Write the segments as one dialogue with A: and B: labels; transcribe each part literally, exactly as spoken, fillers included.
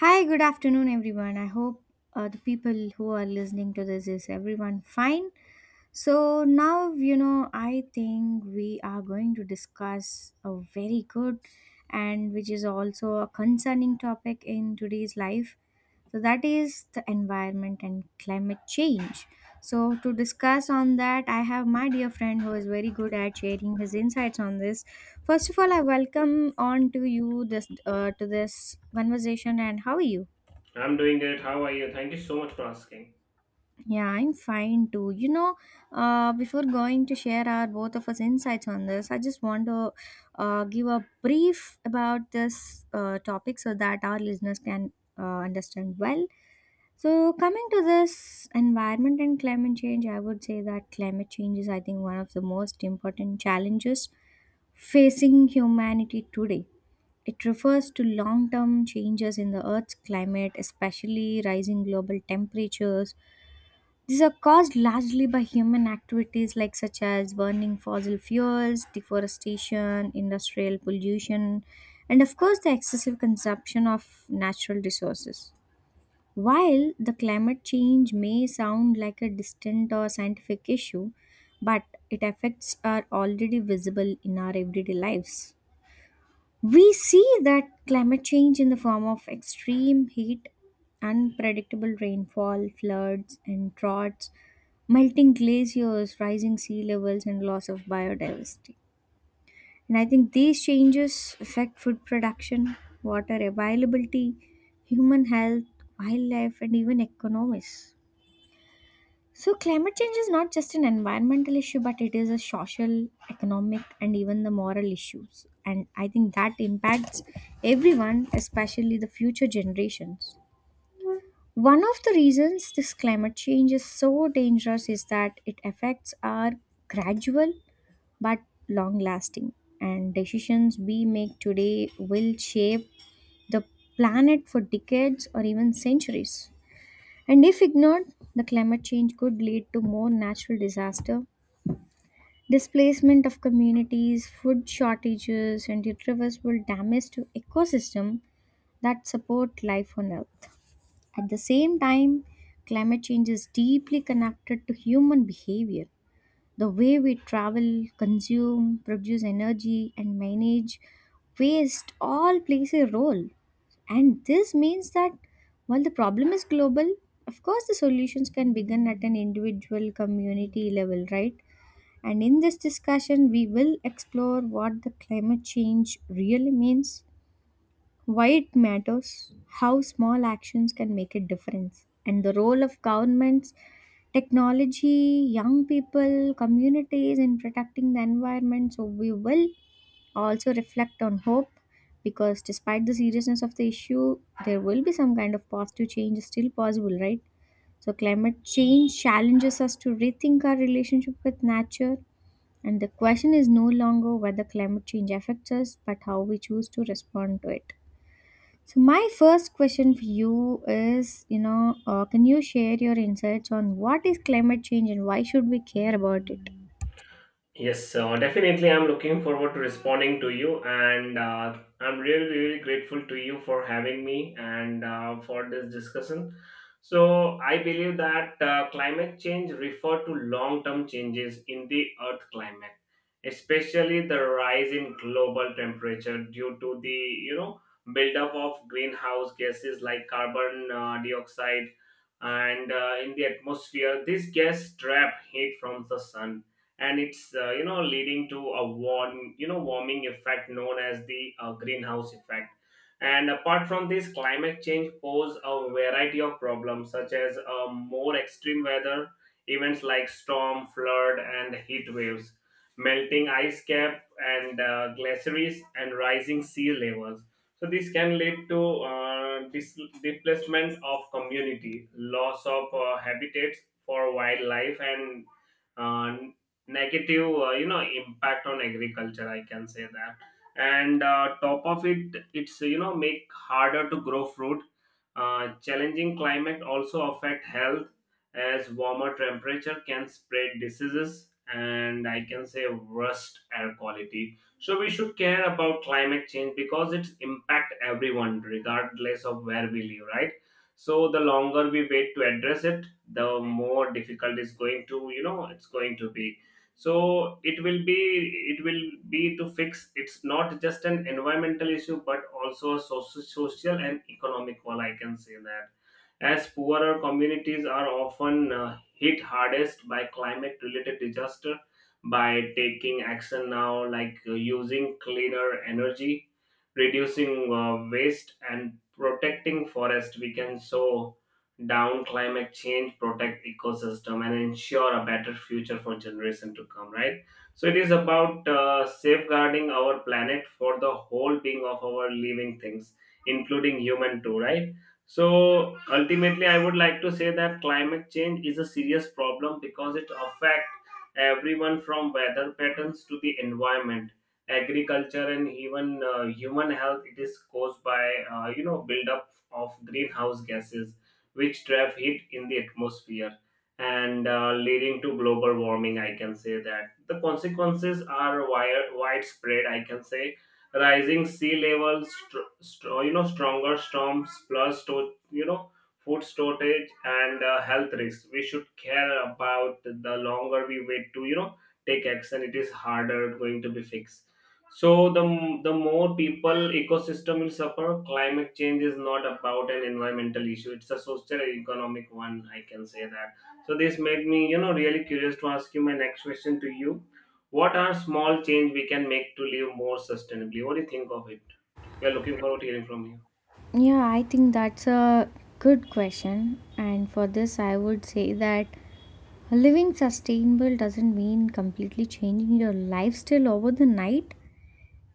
A: Hi, good afternoon, everyone. I hope uh, the people who are listening to this is everyone fine. So, now you know, I think we are going to discuss a very good and which is also a concerning topic in today's life. So, that is the environment and climate change. So, to discuss on that, I have my dear friend who is very good at sharing his insights on this. First of all, I welcome on to you this uh, to this conversation and how are you?
B: I'm doing great. How are you? Thank you so much for asking.
A: Yeah, I'm fine too. You know, uh, before going to share our both of us insights on this, I just want to uh, give a brief about this uh, topic so that our listeners can uh, understand well. So, coming to this environment and climate change, I would say that climate change is, I think, one of the most important challenges facing humanity today. It refers to long term changes in the Earth's climate, especially rising global temperatures. These are caused largely by human activities like such as burning fossil fuels, deforestation, industrial pollution, and of course the excessive consumption of natural resources. While the climate change may sound like a distant or scientific issue, but its effects are already visible in our everyday lives. We see that climate change in the form of extreme heat, unpredictable rainfall, floods, and droughts, melting glaciers, rising sea levels, and loss of biodiversity. And I think these changes affect food production, water availability, human health, wildlife, and even economies. So, climate change is not just an environmental issue, but it is a social, economic, and even the moral issues. And I think that impacts everyone, especially the future generations. One of the reasons this climate change is so dangerous is that its effects are gradual but long lasting, and decisions we make today will shape the planet for decades or even centuries. And if ignored, the climate change could lead to more natural disaster, displacement of communities, food shortages, and irreversible damage to ecosystem that support life on earth. At the same time, climate change is deeply connected to human behavior. The way we travel, consume, produce energy, and manage waste all plays a role. And this means that while the problem is global, of course, the solutions can begin at an individual community level, right? And in this discussion, we will explore what the climate change really means, why it matters, how small actions can make a difference, and the role of governments, technology, young people, communities in protecting the environment. So, we will also reflect on hope because despite the seriousness of the issue, there will be some kind of positive change still possible, right? So, climate change challenges us to rethink our relationship with nature. And the question is no longer whether climate change affects us, but how we choose to respond to it. So my first question for you is, you know, uh, can you share your insights on what is climate change and why should we care about it?
B: Yes, so definitely I'm looking forward to responding to you, and uh, I'm really, really grateful to you for having me and uh, for this discussion. So, I believe that uh, climate change refer to long term changes in the earth climate, especially the rise in global temperature due to the, you know, buildup of greenhouse gases like carbon uh, dioxide and uh, in the atmosphere. This gas trap heat from the sun and it's uh, you know leading to a warm you know warming effect known as the uh, greenhouse effect. And apart from this, climate change pose a variety of problems such as uh, more extreme weather events like storm flood and heat waves, melting ice cap and uh, glaciers and rising sea levels. So this can lead to uh, dis- displacement of community, loss of uh, habitats for wildlife, and uh, negative uh, you know impact on agriculture, I can say that. And uh, top of it, it's, you know, make harder to grow fruit. Uh, challenging climate also affect health, as warmer temperature can spread diseases and I can say worst air quality. So we should care about climate change because it's impact everyone regardless of where we live, right? So the longer we wait to address it, the more difficult it's going to, you know, it's going to be. So it will be, it will be to fix. It's not just an environmental issue but also a soci- social and economic one, I can say that, as poorer communities are often uh, hit hardest by climate related disaster. By taking action now, like uh, using cleaner energy, reducing uh, waste, and protecting forest, we can slow down climate change, protect ecosystem, and ensure a better future for generation to come, right? So it is about uh, safeguarding our planet for the whole being of our living things, including human too, right? So ultimately, I would like to say that climate change is a serious problem because it affects everyone, from weather patterns to the environment, agriculture, and even uh, human health. It is caused by uh, you know buildup of greenhouse gases, which trap heat in the atmosphere and uh, leading to global warming. I can say that the consequences are wide, widespread. I can say rising sea levels, str- str- you know, stronger storms, plus to, you know, food shortage and uh, health risks. We should care about the longer we wait to, you know, take action. It is harder going to be fixed. So the m- the more people ecosystem will suffer. Climate change is not about an environmental issue. It's a social and economic one. I can say that. So this made me, you know, really curious to ask you my next question to you: what are small change we can make to live more sustainably? What do you think of it? We are looking forward to hearing from you.
A: Yeah, I think that's a good question. And for this, I would say that living sustainable doesn't mean completely changing your lifestyle over the night.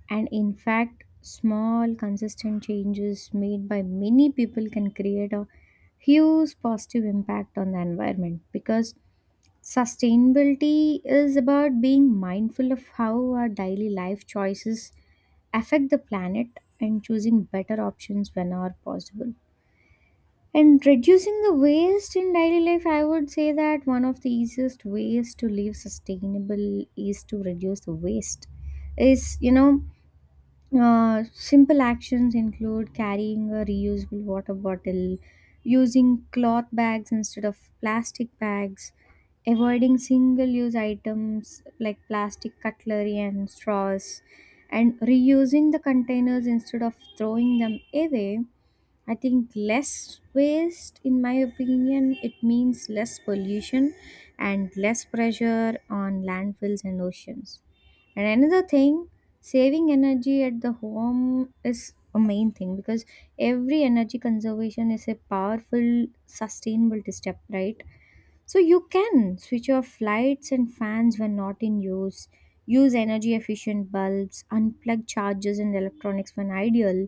A: And in fact, small, consistent changes made by many people can create a huge positive impact on the environment because sustainability is about being mindful of how our daily life choices affect the planet and choosing better options whenever possible. And reducing the waste in daily life, I would say that one of the easiest ways to live sustainable is to reduce the waste. Is, you know, uh, simple actions include carrying a reusable water bottle, using cloth bags instead of plastic bags, avoiding single use items like plastic cutlery and straws, and reusing the containers instead of throwing them away. I think less waste, in my opinion, it means less pollution and less pressure on landfills and oceans. And another thing, saving energy at the home is a main thing because every energy conservation is a powerful, sustainable step, right? So you can switch off lights and fans when not in use, use energy efficient bulbs, unplug chargers and electronics when ideal,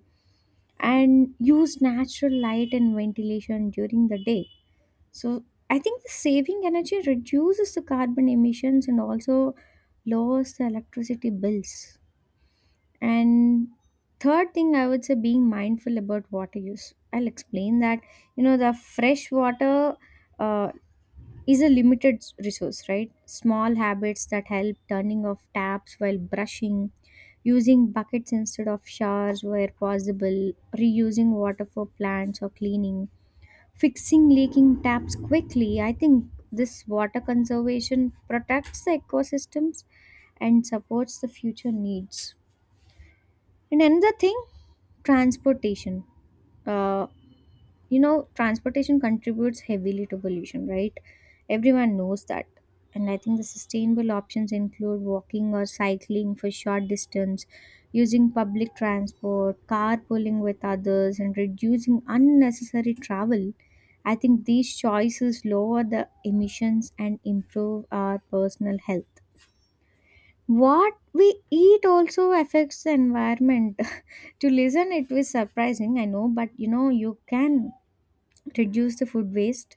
A: and use natural light and ventilation during the day. So I think the saving energy reduces the carbon emissions and also lowers the electricity bills. And third thing I would say being mindful about water use. I'll explain that, you know, the fresh water uh, is a limited s- resource, right? Small habits that help turning off taps while brushing, using buckets instead of showers where possible, reusing water for plants or cleaning, fixing leaking taps quickly. I think this water conservation protects the ecosystems and supports the future needs. And another thing, transportation. Uh, you know, transportation contributes heavily to pollution, right? Everyone knows that. And I think the sustainable options include walking or cycling for short distance, using public transport, carpooling with others, and reducing unnecessary travel. I think these choices lower the emissions and improve our personal health. What we eat also affects the environment. To listen it was surprising, I know, but you know, you can reduce the food waste,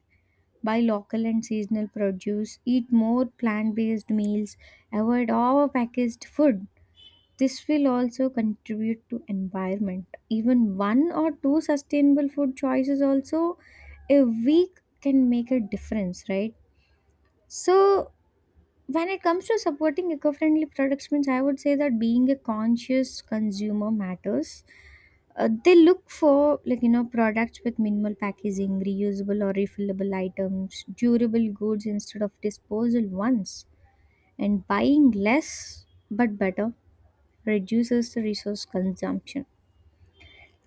A: buy local and seasonal produce, eat more plant-based meals, avoid all packaged food. This will also contribute to environment. Even one or two sustainable food choices also a week can make a difference, right? So when it comes to supporting eco-friendly products means, I would say that being a conscious consumer matters. Uh, they look for, like, you know, products with minimal packaging, reusable or refillable items, durable goods instead of disposal ones, and buying less but better reduces the resource consumption.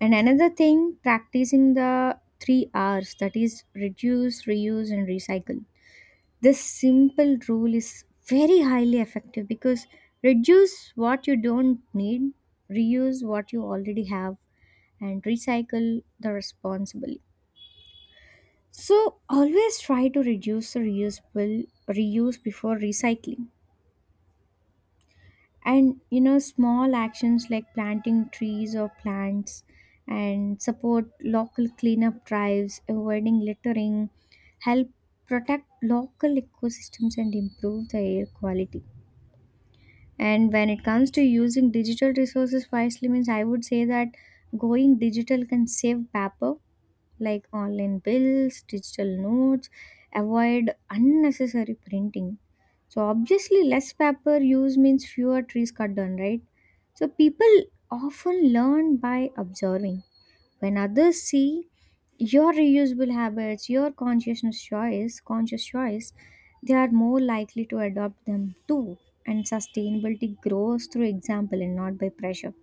A: And another thing, practicing the three R's, that is reduce, reuse, and recycle. This simple rule is very highly effective because reduce what you don't need, reuse what you already have, and recycle the responsibly. So always try to reduce the reusable reuse before recycling. And you know, small actions like planting trees or plants and support local cleanup drives, avoiding littering, help protect local ecosystems and improve the air quality. And when it comes to using digital resources wisely means, I would say that going digital can save paper, like online bills, digital notes, avoid unnecessary printing. So, obviously, less paper use means fewer trees cut down, right? So, people often learn by observing. When others see your reusable habits, your consciousness choice, conscious choice, they are more likely to adopt them too. And sustainability grows through example and not by pressure.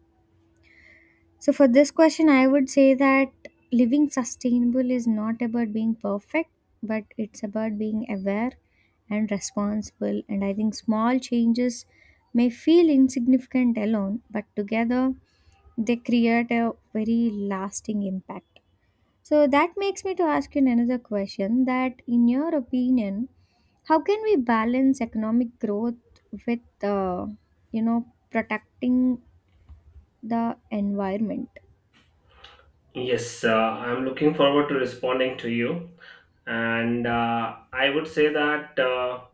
A: So, for this question, I would say that living sustainable is not about being perfect, but it's about being aware and responsible. And I think small changes may feel insignificant alone, but together they create a very lasting impact. So, that makes me to ask you another question that, in your opinion, how can we balance economic growth with, uh, you know, protecting the environment?
B: Yes, uh, I'm looking forward to responding to you. And uh, I would say that uh,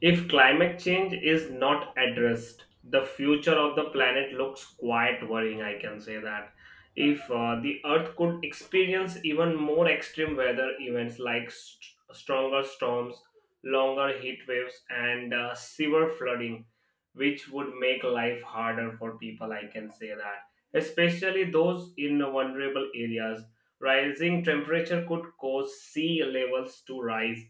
B: if climate change is not addressed, the future of the planet looks quite worrying, I can say that. If uh, The Earth could experience even more extreme weather events like st- stronger storms, longer heat waves, and uh, severe flooding, which would make life harder for people, I can say that. Especially those in vulnerable areas. Rising temperature could cause sea levels to rise,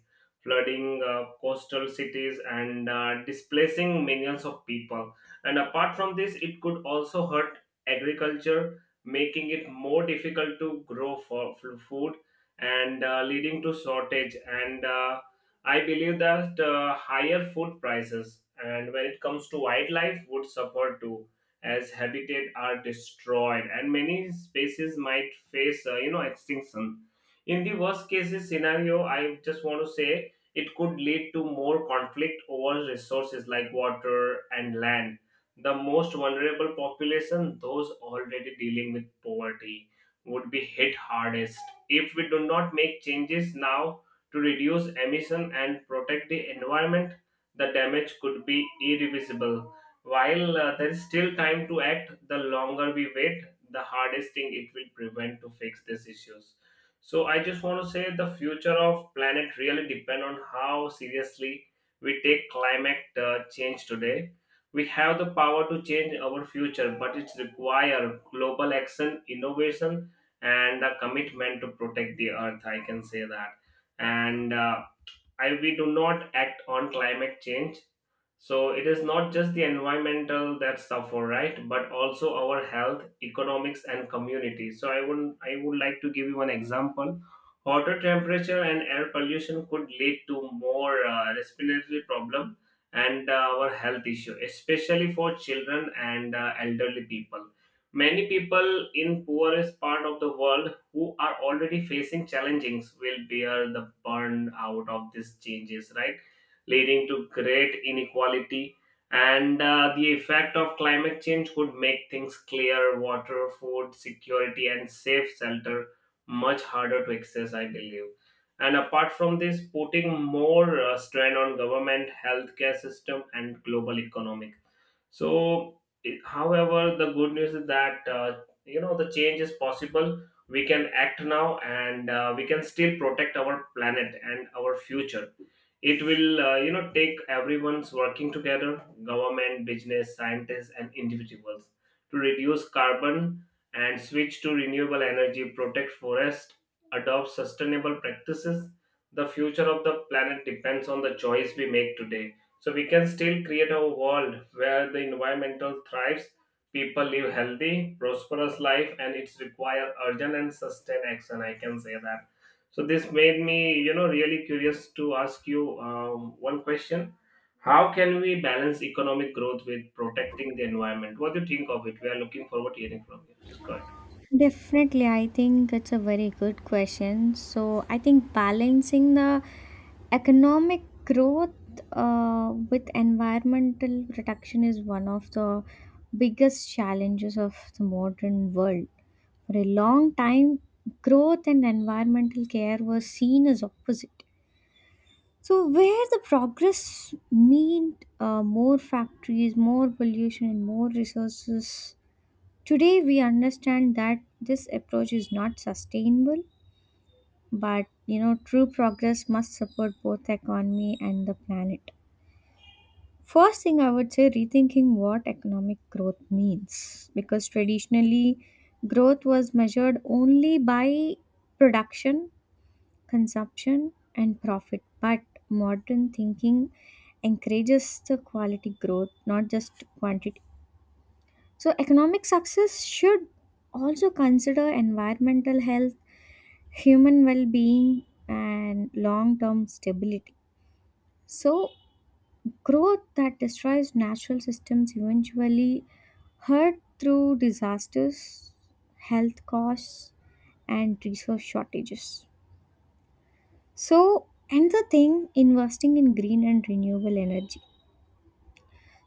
B: flooding uh, coastal cities and uh, displacing millions of people. And apart from this, it could also hurt agriculture, making it more difficult to grow for for food and uh, leading to shortage. And uh, I believe that uh, higher food prices, and when it comes to wildlife, would suffer too, as habitat are destroyed and many species might face uh, you know extinction. In the worst cases scenario, I just want to say it could lead to more conflict over resources like water and land. The most vulnerable population, those already dealing with poverty, would be hit hardest. If we do not make changes now to reduce emission and protect the environment, the damage could be irreversible. While uh, there is still time to act, the longer we wait, the hardest thing it will prevent to fix these issues. So I just want to say the future of planet really depend on how seriously we take climate uh, change today. We have the power to change our future, but it requires global action, innovation, and a commitment to protect the earth. I can say that. And uh, I, we do not act on climate change. So it is not just the environmental that suffer, right? But also our health, economics, and community. So I would I would like to give you one example. Hotter temperature and air pollution could lead to more uh, respiratory problem and uh, our health issue, especially for children and uh, elderly people. Many people in poorest part of the world, who are already facing challenges, will bear the burn out of these changes, right? Leading to great inequality. And uh, the effect of climate change could make things clear, water, food, security, and safe shelter much harder to access, I believe. And apart from this, putting more uh, strain on government, healthcare system, and global economic. So, it, however, the good news is that uh, you know the change is possible. We can act now, and uh, we can still protect our planet and our future. It will, uh, you know, take everyone's working together, government, business, scientists, and individuals, to reduce carbon and switch to renewable energy, protect forest, adopt sustainable practices. The future of the planet depends on the choice we make today, so we can still create a world where the environmental thrives, people live healthy, prosperous life, and it's require urgent and sustained action. I can say that. So this made me, you know, really curious to ask you um, one question. How can we balance economic growth with protecting the environment? What do you think of it? We are looking forward to hearing from you. Just go ahead.
A: Definitely, I think it's a very good question. So, I think balancing the economic growth uh, with environmental protection is one of the biggest challenges of the modern world. For a long time, growth and environmental care were seen as opposite. So, where the progress meant uh, more factories, more pollution, and more resources. Today we understand that this approach is not sustainable, but you know true progress must support both the economy and the planet. First thing I would say rethinking what economic growth means because traditionally growth was measured only by production, consumption and profit, but modern thinking encourages the quality growth, not just quantitative. So, economic success should also consider environmental health, human well being, and long term stability. So, growth that destroys natural systems eventually hurt through disasters, health costs, and resource shortages. So, another thing investing in green and renewable energy.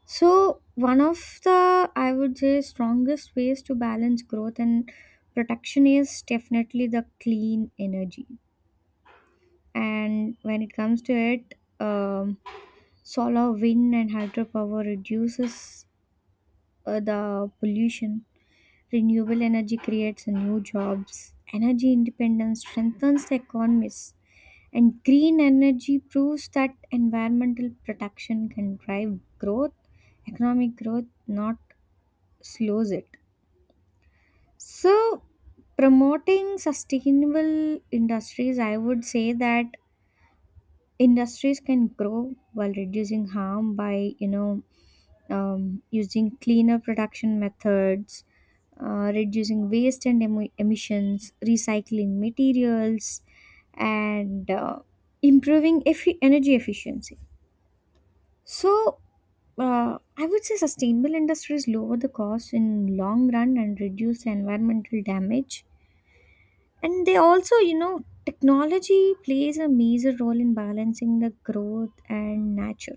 A: So, one of the, I would say, strongest ways to balance growth and protection is definitely the clean energy. And when it comes to it, um, solar, wind, and hydropower reduces uh, the pollution. Renewable energy creates new jobs. Energy independence strengthens the economies. And green energy proves that environmental protection can drive growth, economic growth, not slows it. So, promoting sustainable industries, I would say that industries can grow while reducing harm by, you know, um, using cleaner production methods, uh, reducing waste and emo emissions, recycling materials, and uh, improving effi energy efficiency. So, uh, I would say sustainable industries lower the cost in long run and reduce environmental damage. And they also, you know, technology plays a major role in balancing the growth and nature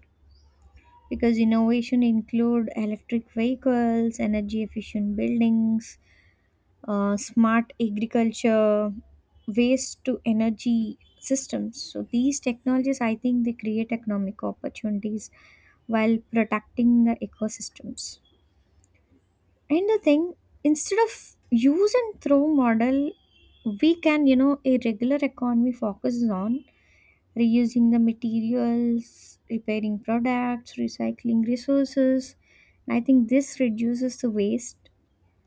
A: because innovation include electric vehicles, energy efficient buildings, uh, smart agriculture, waste to energy systems. So these technologies, I think, they create economic opportunities while protecting the ecosystems. And the thing, instead of use and throw model, we can, you know, a regular economy focuses on reusing the materials, repairing products, recycling resources. And I think this reduces the waste,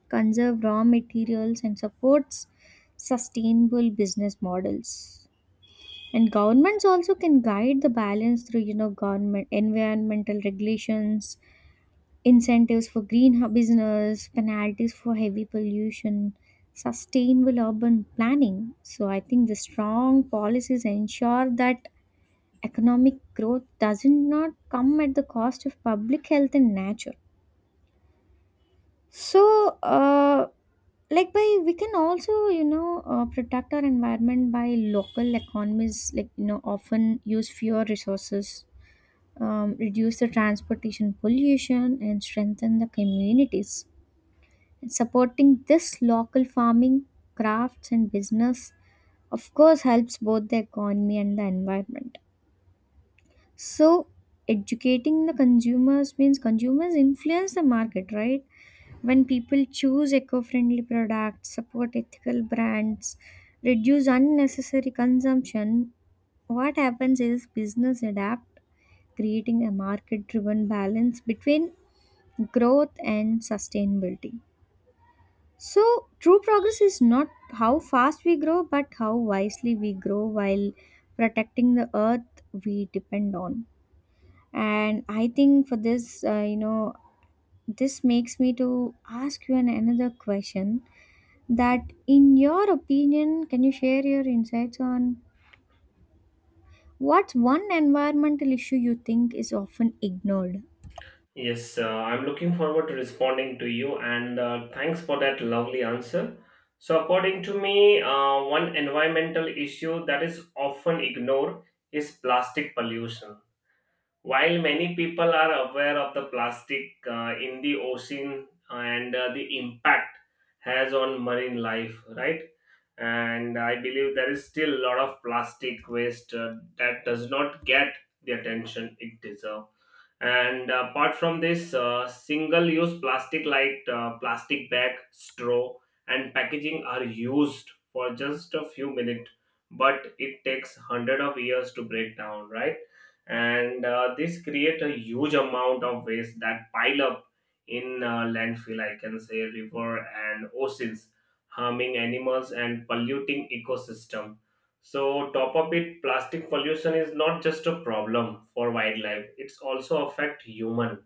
A: conserve raw materials, and supports sustainable business models. And governments also can guide the balance through, you know, government environmental regulations, incentives for green hu- business, penalties for heavy pollution, sustainable urban planning. So I think the strong policies ensure that economic growth doesn't not come at the cost of public health and nature. So uh, like by We can also you know uh, protect our environment by local economies like you know often use fewer resources, um, reduce the transportation pollution and strengthen the communities. And supporting this local farming, crafts, and business, of course, helps both the economy and the environment. So, educating the consumers means consumers influence the market, right? When people choose eco friendly products, support ethical brands, reduce unnecessary consumption, what happens is business adapt, creating a market driven balance between growth and sustainability. So, true progress is not how fast we grow, but how wisely we grow while protecting the earth we depend on. And I think for this, uh, you know, this makes me to ask you an, another question that in your opinion, can you share your insights on what's one environmental issue you think is often ignored?
B: Yes, uh, I'm looking forward to responding to you, and uh, thanks for that lovely answer. So, according to me, uh, one environmental issue that is often ignored is plastic pollution. While many people are aware of the plastic uh, in the ocean and uh, the impact has on marine life, right? And I believe there is still a lot of plastic waste uh, that does not get the attention it deserves. And uh, apart from this, uh, single-use plastic like uh, plastic bag, straw, and packaging are used for just a few minutes, but it takes hundred of years to break down, right? And uh, this create a huge amount of waste that pile up in uh, landfill, I can say, river, and oceans, harming animals and polluting ecosystem. So top of it, plastic pollution is not just a problem for wildlife, it's also affect human.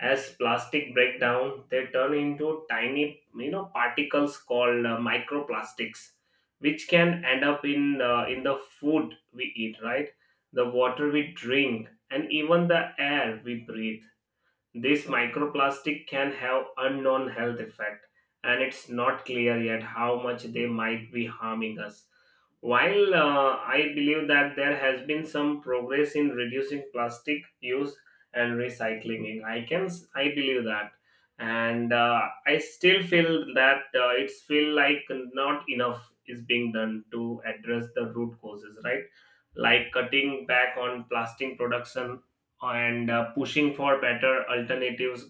B: As plastic break down, they turn into tiny, you know, particles called uh, microplastics, which can end up in uh, in the food we eat, right, the water we drink, and even the air we breathe. This microplastic can have unknown health effect, and it's not clear yet how much they might be harming us. While uh, I believe that there has been some progress in reducing plastic use and recycling, I can s- I believe that, and uh, I still feel that uh, it's feel like not enough is being done to address the root causes, right? Like cutting back on plastic production and uh, pushing for better alternatives.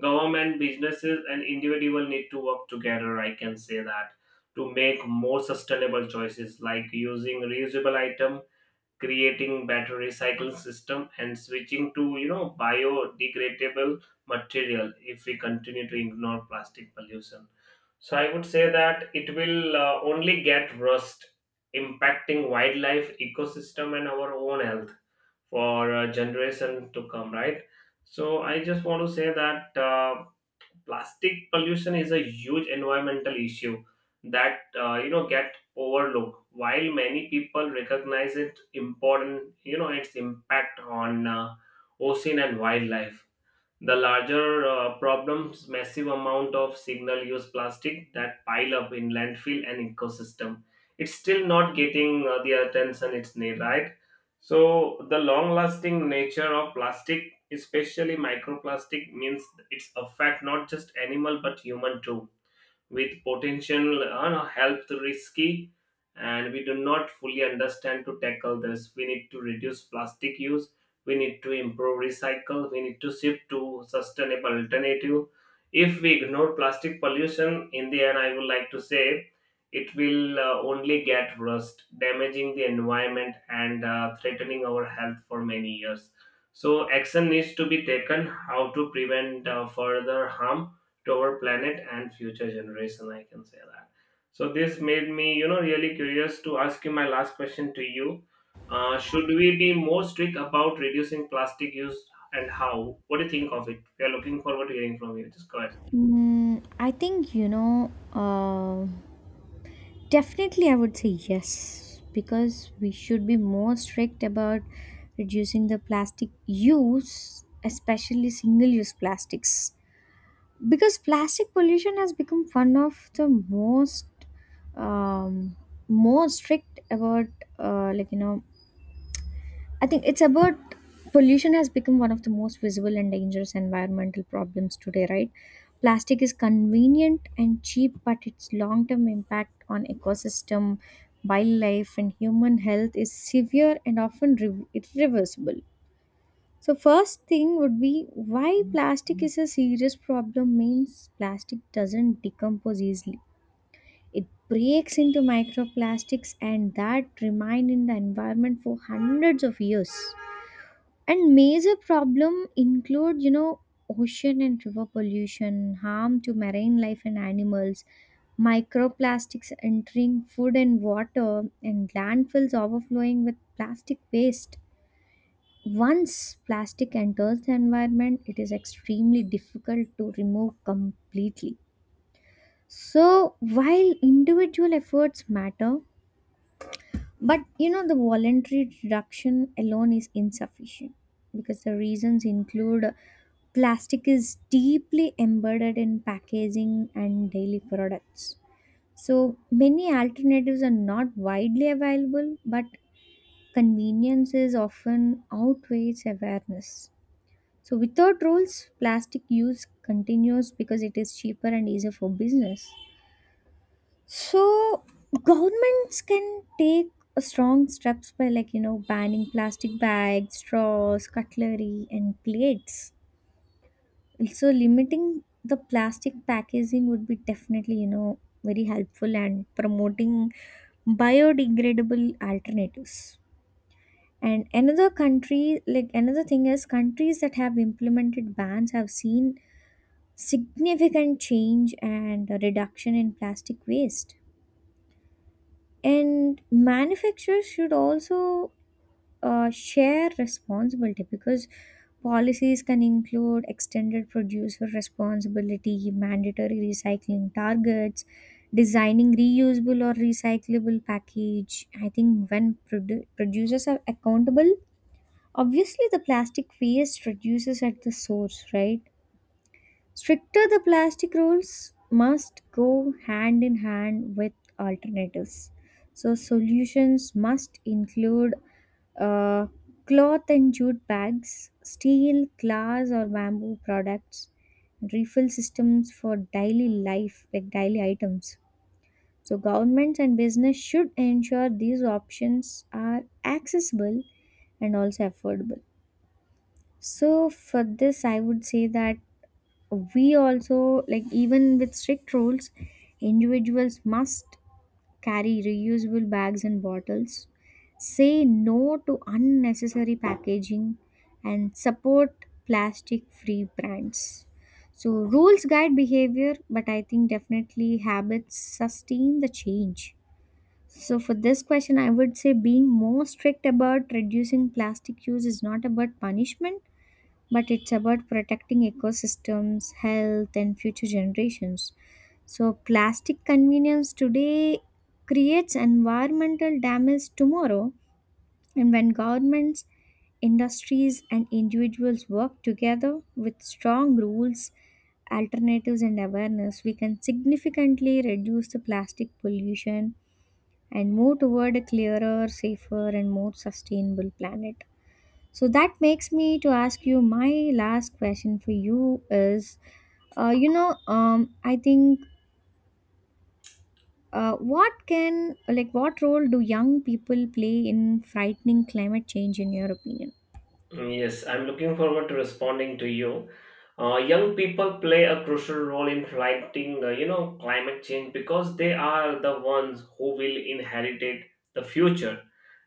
B: Government, businesses, and individual need to work together. I can say that, to make more sustainable choices like using reusable item, creating better recycling system, and switching to, you know, biodegradable material. If we continue to ignore plastic pollution, so I would say that it will uh, only get worse, impacting wildlife ecosystem and our own health for uh, generation to come, right? So I just want to say that uh, plastic pollution is a huge environmental issue that uh, you know get overlooked. While many people recognize it important, you know, its impact on uh, ocean and wildlife, the larger uh, problems, massive amount of single use plastic that pile up in landfill and ecosystem. It's still not getting uh, the attention it's need, right? So the long lasting nature of plastic, especially microplastic, means it's affect not just animal but human too, with potential uh, health risky and we do not fully understand. To tackle this, we need to reduce plastic use, we need to improve recycle, we need to shift to sustainable alternative. If we ignore plastic pollution, in the end I would like to say it will uh, only get worse, damaging the environment and uh, threatening our health for many years. So action needs to be taken how to prevent uh, further harm to our planet and future generation, I can say that. So this made me, you know, really curious to ask you my last question to you: uh, should we be more strict about reducing plastic use, and how? What do you think of it? We are looking forward to hearing from you. Just go ahead.
A: Mm, I think, you know, uh, definitely, I would say yes, because we should be more strict about reducing the plastic use, especially single use plastics. Because plastic pollution has become one of the most um, more strict about uh, like you know I think it's about pollution has become one of the most visible and dangerous environmental problems today, right? Plastic is convenient and cheap, but its long-term impact on ecosystem, wildlife, and human health is severe and often re- irreversible. So first thing would be why plastic is a serious problem means plastic doesn't decompose easily. It breaks into microplastics and that remain in the environment for hundreds of years. And major problem include, you know, ocean and river pollution, harm to marine life and animals, microplastics entering food and water, and landfills overflowing with plastic waste. Once plastic enters the environment, it is extremely difficult to remove completely. So, while individual efforts matter, but you know, the voluntary reduction alone is insufficient because the reasons include plastic is deeply embedded in packaging and daily products. So many alternatives are not widely available, but convenience is often outweighs awareness. So without rules, plastic use continues because it is cheaper and easier for business. So governments can take a strong steps by like you know banning plastic bags, straws, cutlery, and plates. Also limiting the plastic packaging would be definitely you know very helpful, and promoting biodegradable alternatives. And another country like another thing is countries that have implemented bans have seen significant change and a reduction in plastic waste, and manufacturers should also uh, share responsibility because policies can include extended producer responsibility, mandatory recycling targets, designing reusable or recyclable package. I think when produ- producers are accountable, obviously the plastic waste reduces at the source, right? Stricter the plastic rules must go hand in hand with alternatives. So, solutions must include uh, cloth and jute bags, steel, glass, or bamboo products, refill systems for daily life, like daily items. So, governments and business should ensure these options are accessible and also affordable. So, for this, I would say that we also, like, even with strict rules, individuals must carry reusable bags and bottles, say no to unnecessary packaging, and support plastic free brands. So rules guide behavior, but I think definitely habits sustain the change. So for this question, I would say being more strict about reducing plastic use is not about punishment, but it's about protecting ecosystems, health, and future generations. So, plastic convenience today creates environmental damage tomorrow, and when governments, industries, and individuals work together with strong rules, alternatives, and awareness, we can significantly reduce the plastic pollution and move toward a clearer, safer, and more sustainable planet. So that makes me to ask you my last question for you is, uh, you know, um, I think uh, what can like what role do young people play in frightening climate change in your opinion?
B: Mm, yes, I'm looking forward to responding to you. Uh, young people play a crucial role in fighting, uh, you know, climate change, because they are the ones who will inherit it, the future,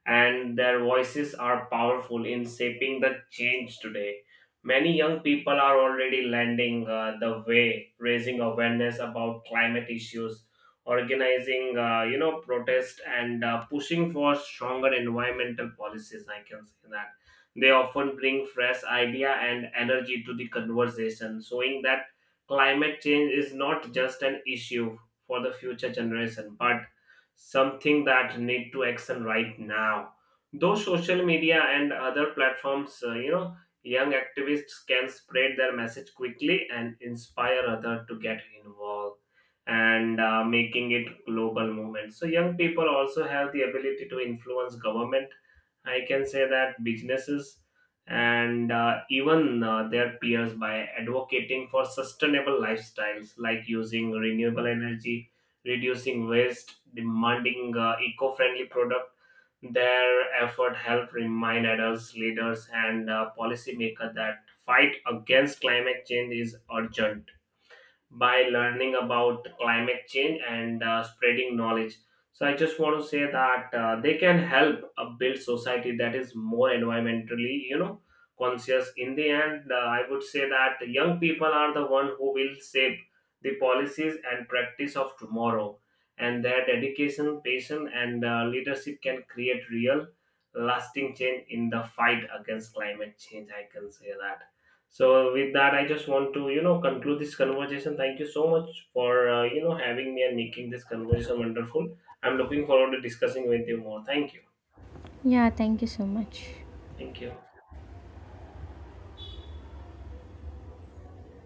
B: and their voices are powerful in shaping the change today. Many young people are already landing uh, the way, raising awareness about climate issues, organizing, uh, you know, protest, and uh, pushing for stronger environmental policies. I can say that they often bring fresh idea and energy to the conversation, showing that climate change is not just an issue for the future generation, but something that need to action right now. Though social media and other platforms, uh, you know, young activists can spread their message quickly and inspire others to get involved and uh, making it global movement. So young people also have the ability to influence government, I can say that, businesses and uh, even uh, their peers, by advocating for sustainable lifestyles like using renewable energy, reducing waste, demanding uh, eco friendly product. Their effort help remind adults, leaders, and uh, policymakers that fight against climate change is urgent by learning about climate change and uh, spreading knowledge. So I just want to say that uh, they can help uh, build society that is more environmentally, you know, conscious. In the end, uh, I would say that young people are the one who will shape the policies and practice of tomorrow, and their dedication, patience, and uh, leadership can create real, lasting change in the fight against climate change. I can say that. So with that, I just want to, you know, conclude this conversation. Thank you so much for uh, you know having me and making this conversation wonderful. I'm looking forward to discussing with you more. Thank you.
A: Yeah, thank you so much.
B: Thank you.